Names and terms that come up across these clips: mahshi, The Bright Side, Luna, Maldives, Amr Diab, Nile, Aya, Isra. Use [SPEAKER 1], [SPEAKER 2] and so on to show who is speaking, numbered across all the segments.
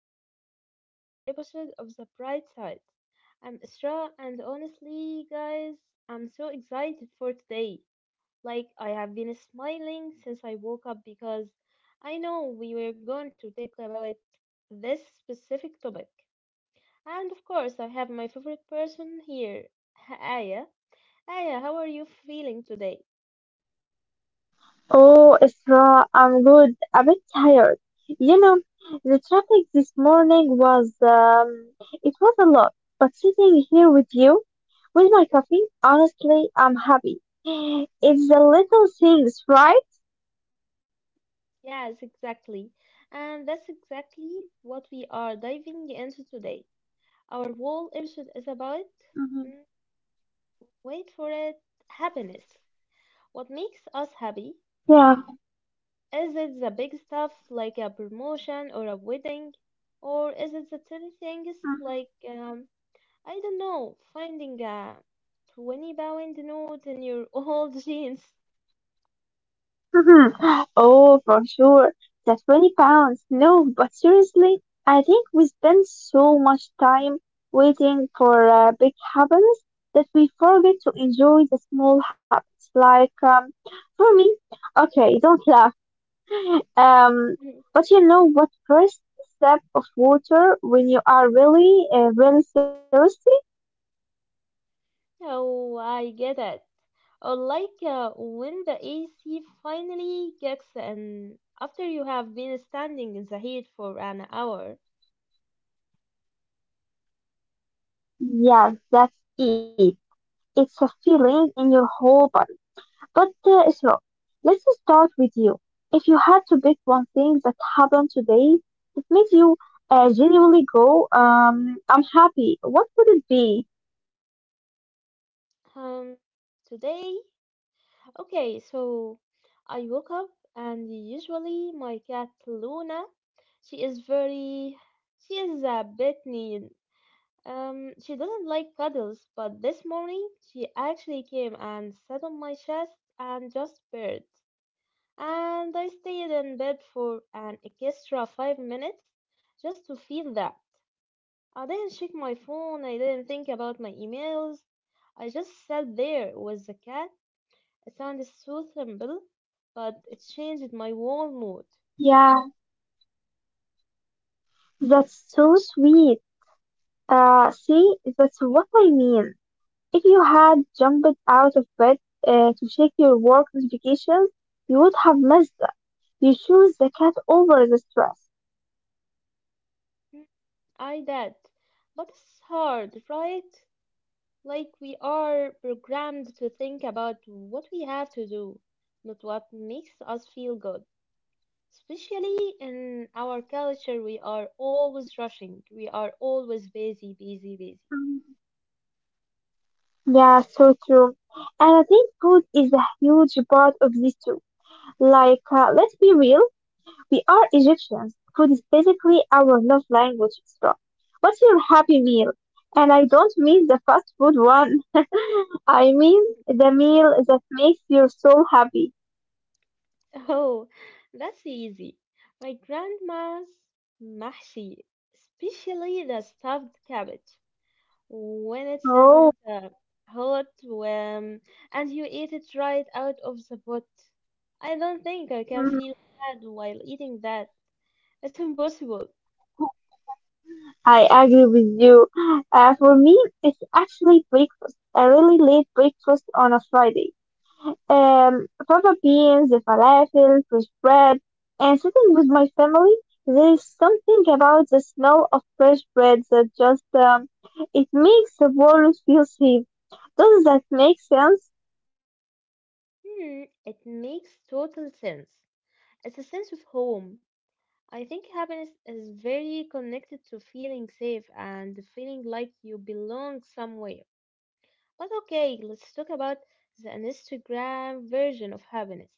[SPEAKER 1] everyone to another episode of The Bright Side. I'm Isra, and honestly, guys, I'm so excited for today. Like, I have been smiling since I woke up because I know we were going to talk about this specific topic. And of course, I have my favorite person here, Aya. Aya, how are you feeling today?
[SPEAKER 2] Oh, Isra, I'm good. A bit tired. You know, the traffic this morning was, it was a lot. But sitting here with you, with my coffee, honestly, I'm happy. It's the little things, right?
[SPEAKER 1] Yes, exactly. And that's exactly what we are diving into today. Our whole episode is
[SPEAKER 2] Mhm.
[SPEAKER 1] about, mm, wait for it, happiness. What makes us happy?
[SPEAKER 2] Yeah.
[SPEAKER 1] Is it the big stuff like a promotion or a wedding? Or is it the tiny things like, I don't know, finding a £20 note in your old jeans?
[SPEAKER 2] Mhm. Oh, for sure. The 20 pounds. No, but seriously, I think we spend so much time waiting for big happens that we forget to enjoy the small habits. Like, for me, okay, don't laugh. Um, but you know what? First step of water when you are really thirsty?
[SPEAKER 1] Oh, I get it. Or like when the AC finally kicks in after you have been standing in the heat for an hour.
[SPEAKER 2] Yes, that's it. It's a feeling in your whole body. But Isra, let's start with you. If you had to pick one thing that happened today that made you genuinely go, I'm happy, what would it be?
[SPEAKER 1] Um, Today, okay, so I woke up and usually my cat Luna, she is very, she is a bit mean. She doesn't like cuddles, but this morning she actually came and sat on my chest and just purred. And I stayed in bed for an extra 5 minutes just to feel that. I didn't check my phone, I didn't think about my emails. I just sat there with the cat. It sounded so simple, but it changed my whole mood.
[SPEAKER 2] Yeah, that's so sweet. See, that's what I mean. If you had jumped out of bed to check your work notifications, you would have missed that. You choose the cat over the stress.
[SPEAKER 1] Mm, I did. But it's hard, right? Like we are programmed to think about what we have to do, not what makes us feel good. Especially in our culture, we are always rushing. We are always busy, busy, busy.
[SPEAKER 2] Mm. Yeah, so true. And I think food is a huge part of this too. Like, let's be real, we are Egyptians. Food is basically our love language. So, what's your happy meal? And I don't mean the fast food one. I mean the meal that makes your soul happy.
[SPEAKER 1] Oh, that's easy. My grandma's mahshi, especially the stuffed cabbage, when it isn't
[SPEAKER 2] Oh,
[SPEAKER 1] uh, hot, when, and you eat it right out of the pot. I don't think I can feel
[SPEAKER 2] mhm.
[SPEAKER 1] sad while eating that. It's impossible.
[SPEAKER 2] I agree with you. For me, it's actually breakfast, a really late breakfast on a Friday. Fava beans, the falafel, fresh bread, and sitting with my family. There is something about the smell of fresh bread that just it makes the world feel safe. Does that make sense?
[SPEAKER 1] Hmm, it makes total sense. It's a sense of home. I think happiness is very connected to feeling safe and feeling like you belong somewhere. But okay, let's talk about the Instagram version of happiness.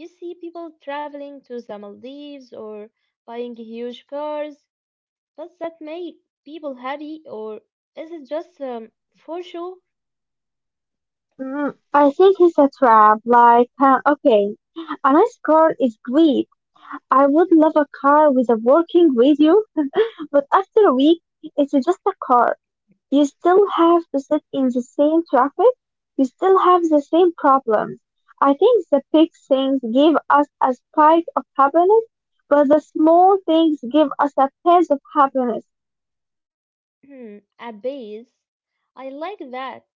[SPEAKER 1] You see people traveling to the Maldives or buying huge cars. Does that make people happy or is it just for sure
[SPEAKER 2] Mm, I think it's a trap. Like, okay, a nice car is great. I would love a car with a working radio, but after a week, it's just a car. You still have to sit in the same traffic. You still have the same problems. I think the big things give us a spike of happiness, but the small things give us a pinch of happiness.
[SPEAKER 1] a base? I like that,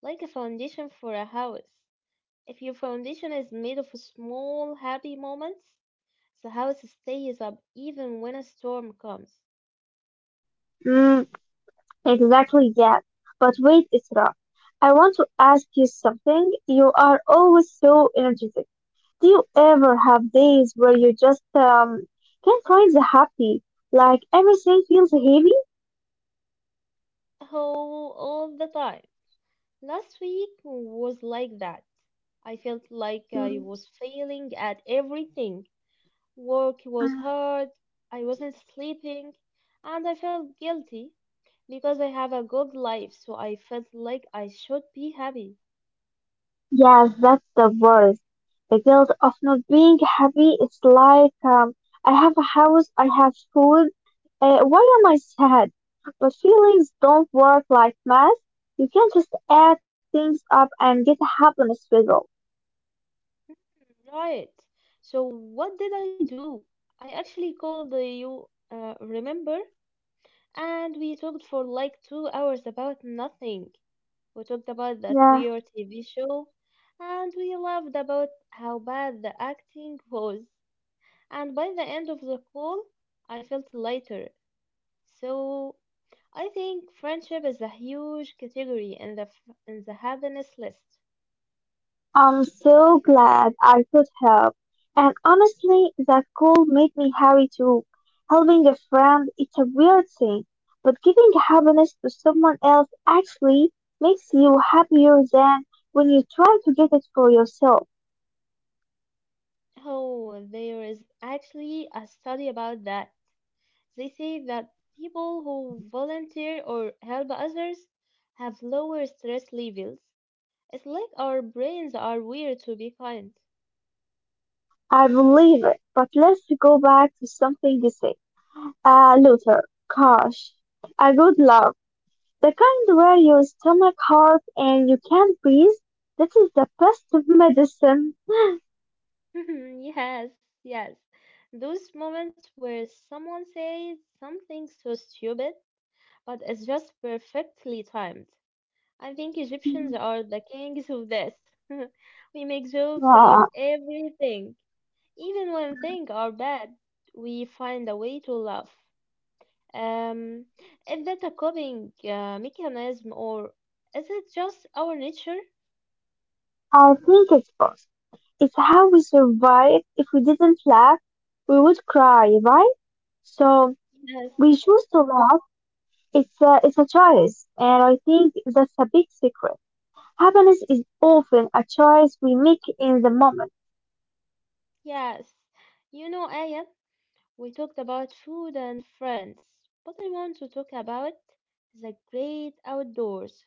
[SPEAKER 1] like a foundation for a house. If your foundation is made of small happy moments, the house stays up even when a storm comes.
[SPEAKER 2] Mm, exactly, yes. But wait, Isra. I want to ask you something. You are always so energetic. Do you ever have days where you just can't find the happy? Like everything feels heavy?
[SPEAKER 1] Oh, all the time. Last week was like that. I felt like I
[SPEAKER 2] Mm.
[SPEAKER 1] was failing at everything. Work was hard, I wasn't sleeping, and I felt guilty because I have a good life, so I felt like I should be happy.
[SPEAKER 2] Yes, that's the worst. The guilt of not being happy. It's like I have a house, I have food. Why am I sad? But feelings don't work like math. You can't just add things up and get a happiness result.
[SPEAKER 1] Right. So, what did I do? I actually called you, remember? And we talked for like 2 hours about nothing. We talked about that
[SPEAKER 2] Yeah.
[SPEAKER 1] weird TV show, and we laughed about how bad the acting was. And by the end of the call, I felt lighter. So I think friendship is a huge category in the happiness list.
[SPEAKER 2] I'm so glad I could help. And honestly, that call made me happy too. Helping a friend, it's a weird thing, but giving happiness to someone else actually makes you happier than when you try to get it for yourself.
[SPEAKER 1] Oh, there is actually a study about that. They say that people who volunteer or help others have lower stress levels. It's like our brains are weird to be kind.
[SPEAKER 2] I believe it. But let's go back to something you said. Luther, gosh, a good love. The kind where your stomach hurts and you can't breathe. That is the best medicine.
[SPEAKER 1] Yes, yes. Those moments where someone says something so stupid, but it's just perfectly timed. I think Egyptians are the kings of this. We make jokes about
[SPEAKER 2] Yeah,
[SPEAKER 1] everything. Even when things
[SPEAKER 2] mm,
[SPEAKER 1] are bad, we find a way to laugh. Um, is that a coping mechanism or is it just our nature?
[SPEAKER 2] I think it's both. It's how we survive. If we didn't laugh, we would cry, right? So
[SPEAKER 1] Yes.
[SPEAKER 2] we choose to laugh. It's a choice, and I think that's a big secret. Happiness is often a choice we make in the moment.
[SPEAKER 1] Yes, you know, Aya, we talked about food and friends, but I want to talk about the great outdoors.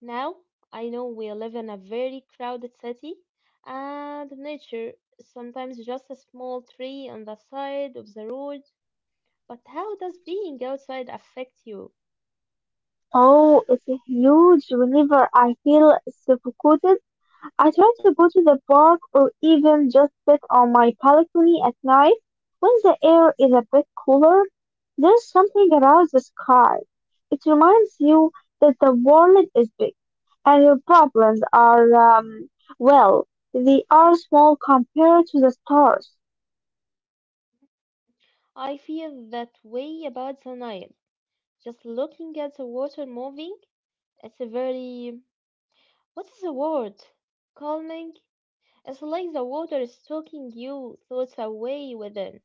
[SPEAKER 1] Now, I know we live in a very crowded city, and nature, sometimes just a small tree on the side of the road, but how does being outside affect you?
[SPEAKER 2] Oh, it's huge. Whenever I feel suffocated, I try to go to the park or even just sit on my balcony at night when the air is a bit cooler. There's something about the sky. It reminds you that the world is big and your problems are, well, they are small compared to the stars.
[SPEAKER 1] I feel that way about the Nile. Just looking at the water moving, it's a very, what is the word? Calming? It's like the water is soaking you thoughts away within.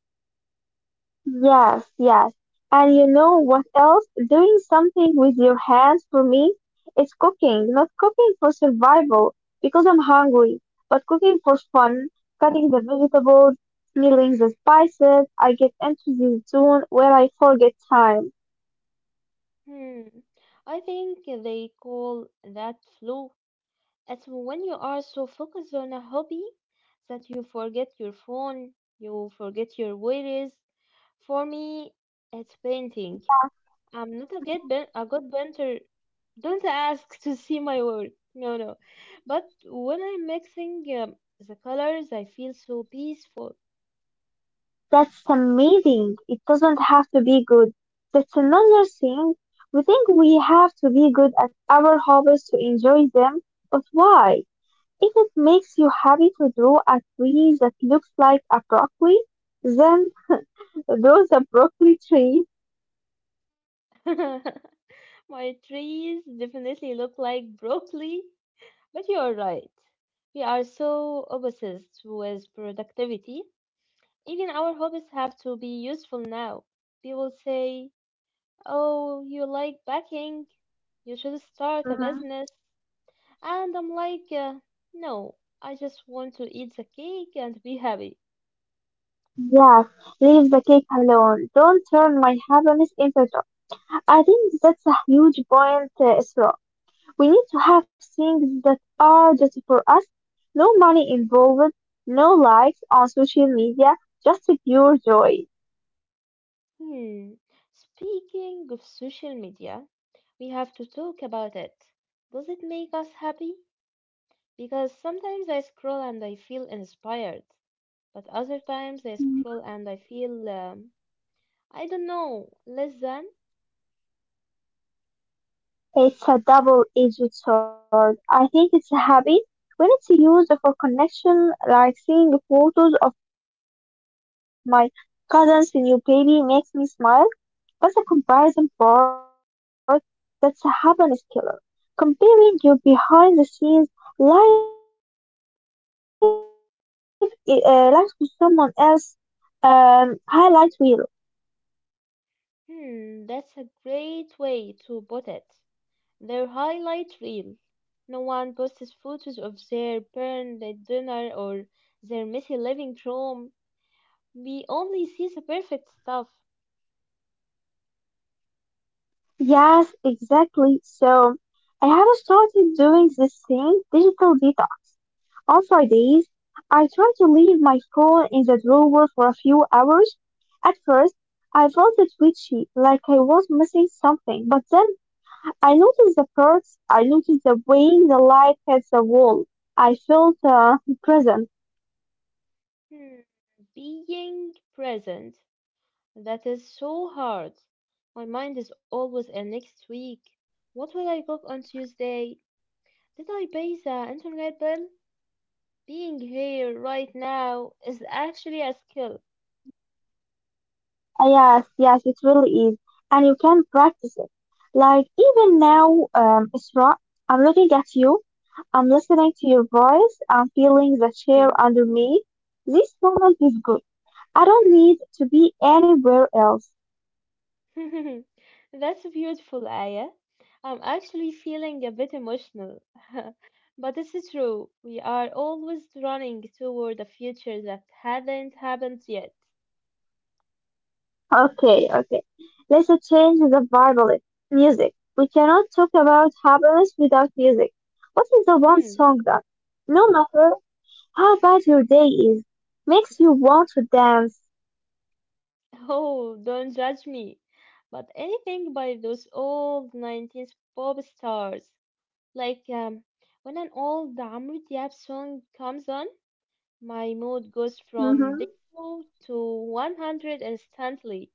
[SPEAKER 2] Yes, yes. And you know what else? Doing something with your hands for me, it's cooking, not cooking for survival because I'm hungry, but cooking for
[SPEAKER 1] Hmm.
[SPEAKER 2] fun, cutting the vegetables, peeling the spices. I get into this zone where I forget time.
[SPEAKER 1] Hmm. I think they call that flow. It's when you are so focused on a hobby that you forget your phone, you forget your worries. For me, it's painting.
[SPEAKER 2] Yeah,
[SPEAKER 1] I'm not a
[SPEAKER 2] mhm.
[SPEAKER 1] a good painter. Don't ask to see my work. No, no. But when I'm mixing the colors, I feel so peaceful.
[SPEAKER 2] That's amazing. It doesn't have to be good. That's another thing. We think we have to be good at our hobbies to enjoy them, but why? If it makes you happy to draw a tree that looks like a broccoli, then draw the broccoli tree.
[SPEAKER 1] My trees definitely look like broccoli, but you're right. We are so obsessed with productivity. Even our hobbies have to be useful now. People say, oh, you like baking? You should start a
[SPEAKER 2] Mhm.
[SPEAKER 1] business. And I'm like, no, I just want to eat the cake and be happy.
[SPEAKER 2] Yes, leave the cake alone. Don't turn my happiness into joy. I think that's a huge point, Isra. We need to have things that are just for us, no money involved, no likes on social media, just pure joy.
[SPEAKER 1] Hmm. Speaking of social media, we have to talk about it. Does it make us happy? Because sometimes I scroll and I feel inspired, but other times I scroll and I feel, I don't know, less than?
[SPEAKER 2] It's a double-edged sword. I think it's a habit when it's used for connection, like seeing photos of my cousin's new baby makes me smile. But the comparison part, that's a happiness killer. Comparing your behind-the-scenes life to someone else's highlight reel.
[SPEAKER 1] Hmm, that's a great way to put it. Their highlight reel. No one posts photos of their burned dinner or their messy living room. We only see the perfect stuff.
[SPEAKER 2] Yes, exactly. So I have started doing this thing, digital detox. On Fridays, I try to leave my phone in the drawer for a few hours. At first, I felt it twitchy, like I was missing something, but then I noticed the perks, I noticed the way the light hits the wall. I felt present.
[SPEAKER 1] Hmm, being present. That is so hard. My mind is always in next week. What will I cook on Tuesday? Did I pay the internet bill? Being here right now is actually a skill.
[SPEAKER 2] Yes, yes, it really is. And you can practice it. Like, even now, Isra, I'm looking at you, I'm listening to your voice, I'm feeling the chair
[SPEAKER 1] Hmm.
[SPEAKER 2] under me. This moment is good. I don't need to be anywhere else.
[SPEAKER 1] That's beautiful, Aya. I'm actually feeling a bit emotional. But this is true. We are always running toward a future that hasn't happened yet.
[SPEAKER 2] Okay, okay. Let's change the vibe a little. Music. We cannot talk about happiness without music. What is the one
[SPEAKER 1] Hmm.
[SPEAKER 2] song that, no matter how bad your day is, makes you want to dance?
[SPEAKER 1] Oh, don't judge me. But anything by those old 90s pop stars. Like, when an old Amr Diab song comes on, my mood goes from
[SPEAKER 2] Mm-hmm.
[SPEAKER 1] zero to 100 instantly.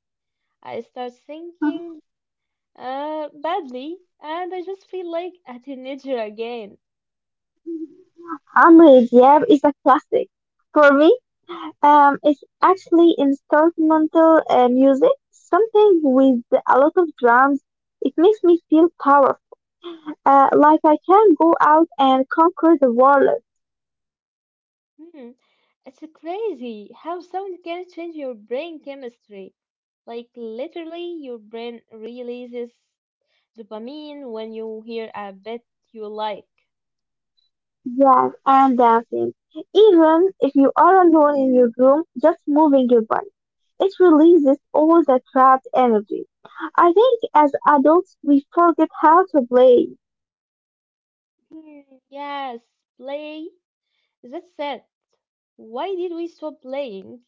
[SPEAKER 1] I start thinking badly, and I just feel like a teenager again.
[SPEAKER 2] Amr Diab is a classic. For me, it's actually instrumental music, something with a lot of drums. It makes me feel powerful. Like I can go out and conquer the world.
[SPEAKER 1] Hmm, it's crazy how sound can change your brain chemistry. Like, literally, your brain releases dopamine when you hear a bit you like.
[SPEAKER 2] Yes, and dancing. Even if you are alone in your room, just moving your body. It releases all the trapped energy. I think as adults we forget how to play.
[SPEAKER 1] Hmm, yes, play. That's it. Why did we stop playing?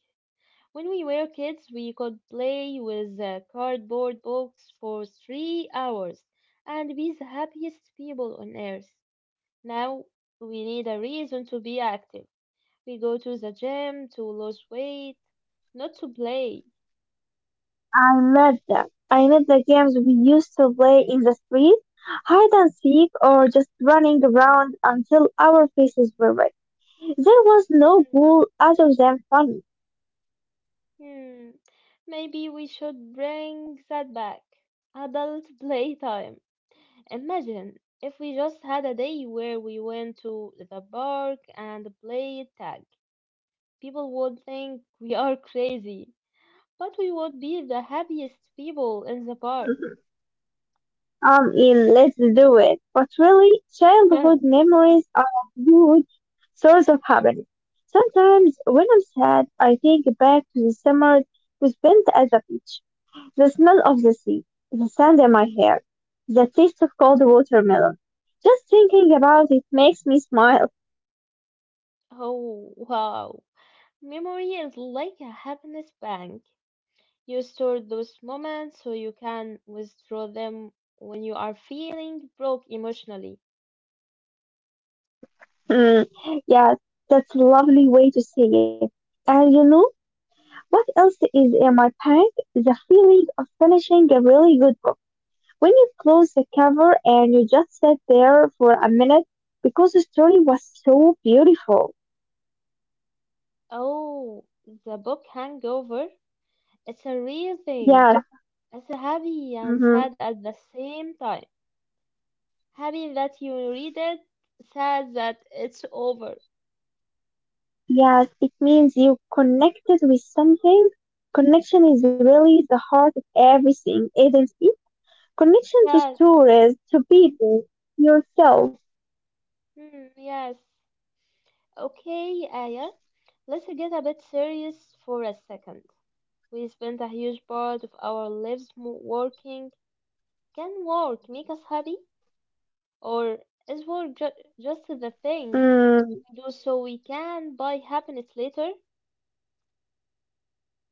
[SPEAKER 1] When we were kids, we could play with a cardboard box for 3 hours and be the happiest people on earth. Now we need a reason to be active. We go to the gym to lose weight, not to play.
[SPEAKER 2] I met them. I met the games we used to play in the street, hide and seek, or just running around until our faces were red. There was no goal other than fun.
[SPEAKER 1] Hmm, maybe we should bring that back. Adult playtime. Imagine if we just had a day where we went to the park and played tag. People would think we are crazy, but we would be the happiest people in the park.
[SPEAKER 2] I'm in. Let's do it. But really, childhood
[SPEAKER 1] Oh,
[SPEAKER 2] memories are a huge source of happiness. Sometimes when I'm sad, I think back to the summer we spent at the beach. The smell of the sea, the sand in my hair, the taste of cold watermelon. Just thinking about it makes me smile.
[SPEAKER 1] wow. Memory is like a happiness bank. You store those moments so you can withdraw them when you are feeling broke emotionally.
[SPEAKER 2] Mm, yeah, that's a lovely way to see it. And you know what else is in my pack? The feeling of finishing a really good book. When you close the cover and you just sat there for a minute because the story was so beautiful.
[SPEAKER 1] Oh, the book hangover? It's a real thing.
[SPEAKER 2] Yes.
[SPEAKER 1] It's happy and
[SPEAKER 2] Hmm.
[SPEAKER 1] sad at the same time. Happy that you read it, sad that it's over.
[SPEAKER 2] Yes, it means you connected with something. Connection is really the heart of everything, isn't it? Connection to
[SPEAKER 1] Yes,
[SPEAKER 2] stories, to people, yourself.
[SPEAKER 1] hmm, yes. Okay, Aya, let's get a bit serious for a second. We spent a huge part of our lives working. Can work make us happy? Or is work just the thing
[SPEAKER 2] Mm,
[SPEAKER 1] we do so we can buy happiness later?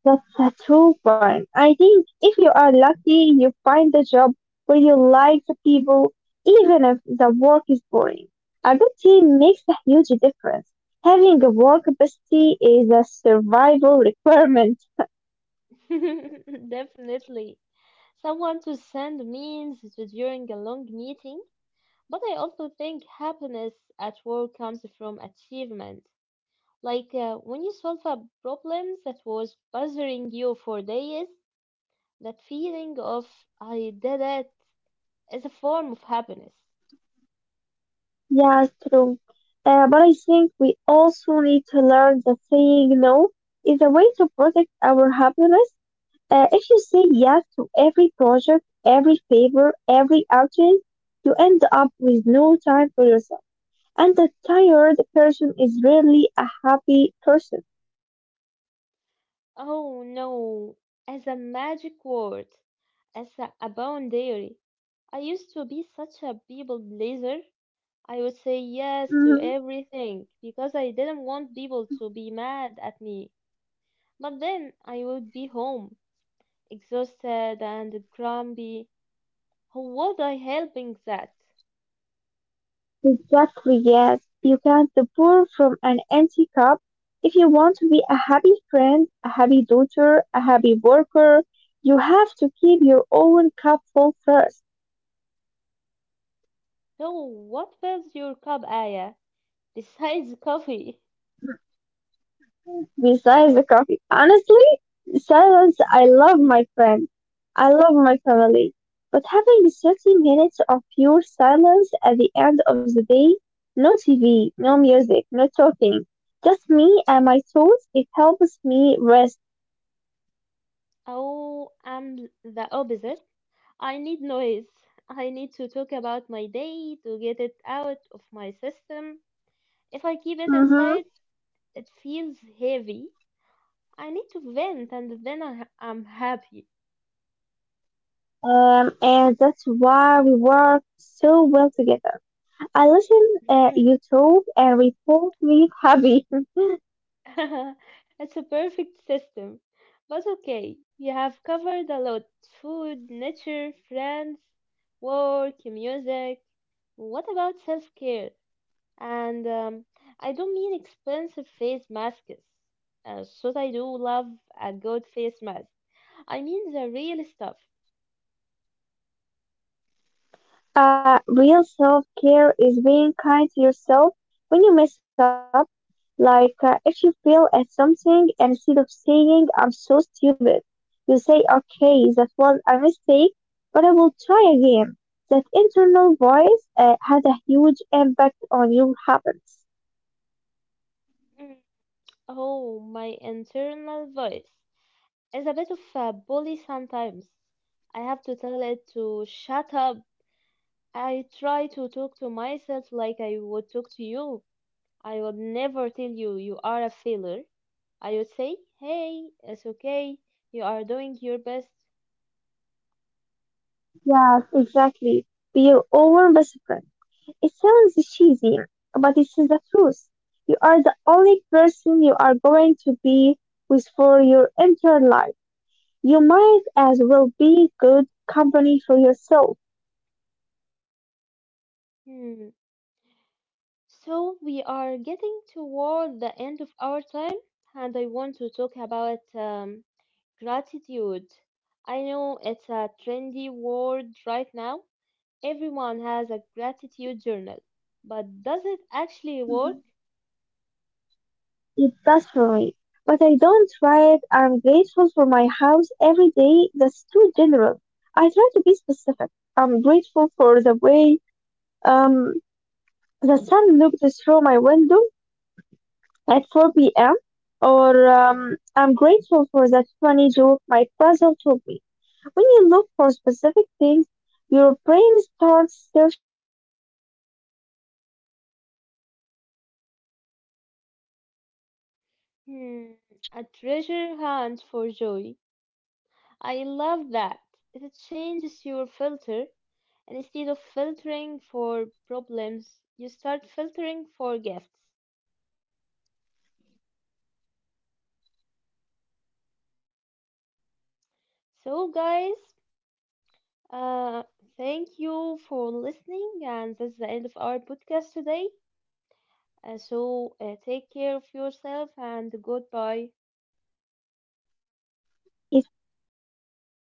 [SPEAKER 2] that's a true one. I think if you are lucky, you find a job where you like the people, even if the work is boring. A good team makes a huge difference. Having a work bestie is a survival requirement.
[SPEAKER 1] Definitely. Someone to send memes to during a long meeting. But I also think happiness at work comes from achievement. Like when you solve a problem that was bothering you for days, that feeling of I did it is a form of happiness.
[SPEAKER 2] Yeah, true. But I think we also need to learn that saying no is a way to protect our happiness. If you say yes to every project, every favor, every outing, you end up with no time for yourself. And a tired person is rarely a happy person.
[SPEAKER 1] Oh no, as a magic word, as a boundary. I used to be such a people pleaser. I would say yes to
[SPEAKER 2] Mhm.
[SPEAKER 1] everything because I didn't want people to be mad at me. But then I would be home exhausted and grumpy. How was I helping that?
[SPEAKER 2] Exactly, yes. You can't pour from an empty cup. If you want to be a happy friend, a happy daughter, a happy worker, you have to keep your own cup full first.
[SPEAKER 1] So, what fills your cup, Aya, besides coffee?
[SPEAKER 2] Besides the coffee, honestly, silence, I love
[SPEAKER 1] Mm.
[SPEAKER 2] my friend. I love my family. But having 30 minutes of pure silence at the end of the day, no TV, no music, no talking, just me and my thoughts, it helps me rest.
[SPEAKER 1] Oh, I'm the opposite. I need noise. I need to talk about my day to get it out of my system. If I keep it
[SPEAKER 2] Mm-hmm.
[SPEAKER 1] inside, it feels heavy. I need to vent and then I'm happy.
[SPEAKER 2] And that's why we work so well together. I listen, you talk, and we both leave happy.
[SPEAKER 1] It's a perfect system. But okay, we have covered a lot: food, nature, friends, work, music. What about self care? And I don't mean expensive face masks. So I do love a good face mask. I mean the real stuff.
[SPEAKER 2] Real self care is being kind to yourself when you mess up. Like, if you fail at something, and instead of saying, I'm so stupid, you say, okay, that was a mistake, but I will try again. That internal voice has a huge impact on your habits.
[SPEAKER 1] Mm, oh, my internal voice is a bit of a bully sometimes. I have to tell it to shut up. I try to talk to myself like I would talk to you. I would never tell you you are a failure. I would say, hey, it's okay. You are doing your best.
[SPEAKER 2] Yes, exactly. Be your own best friend. It sounds cheesy, but it's the truth. You are the only person you are going to be with for your entire life. You might as well be good company for yourself.
[SPEAKER 1] Hmm. So we are getting toward the end of our time, and I want to talk about gratitude. I know it's a trendy word right now. Everyone has a gratitude journal, but does it actually work?
[SPEAKER 2] Mhm. It does for me. But I don't try it. I'm grateful for my house every day. That's too general. I try to be specific. I'm grateful for the way um, the sun looked through my window. At 4 p.m. Or I'm grateful for that funny joke my puzzle told me. When you look for specific things, your brain starts searching for them all day. It's like a treasure hunt.
[SPEAKER 1] Hmm, a treasure hunt for joy. I love that. It changes your filter, and instead of filtering for problems, you start filtering for gifts.
[SPEAKER 2] Yes, and even on a bad day, there is always at least one thing.
[SPEAKER 1] So, guys,
[SPEAKER 2] Even if,
[SPEAKER 1] uh,
[SPEAKER 2] yeah,
[SPEAKER 1] thank you for listening, and that's the end of our podcast today. So, take care of yourself and goodbye.
[SPEAKER 2] goodbye.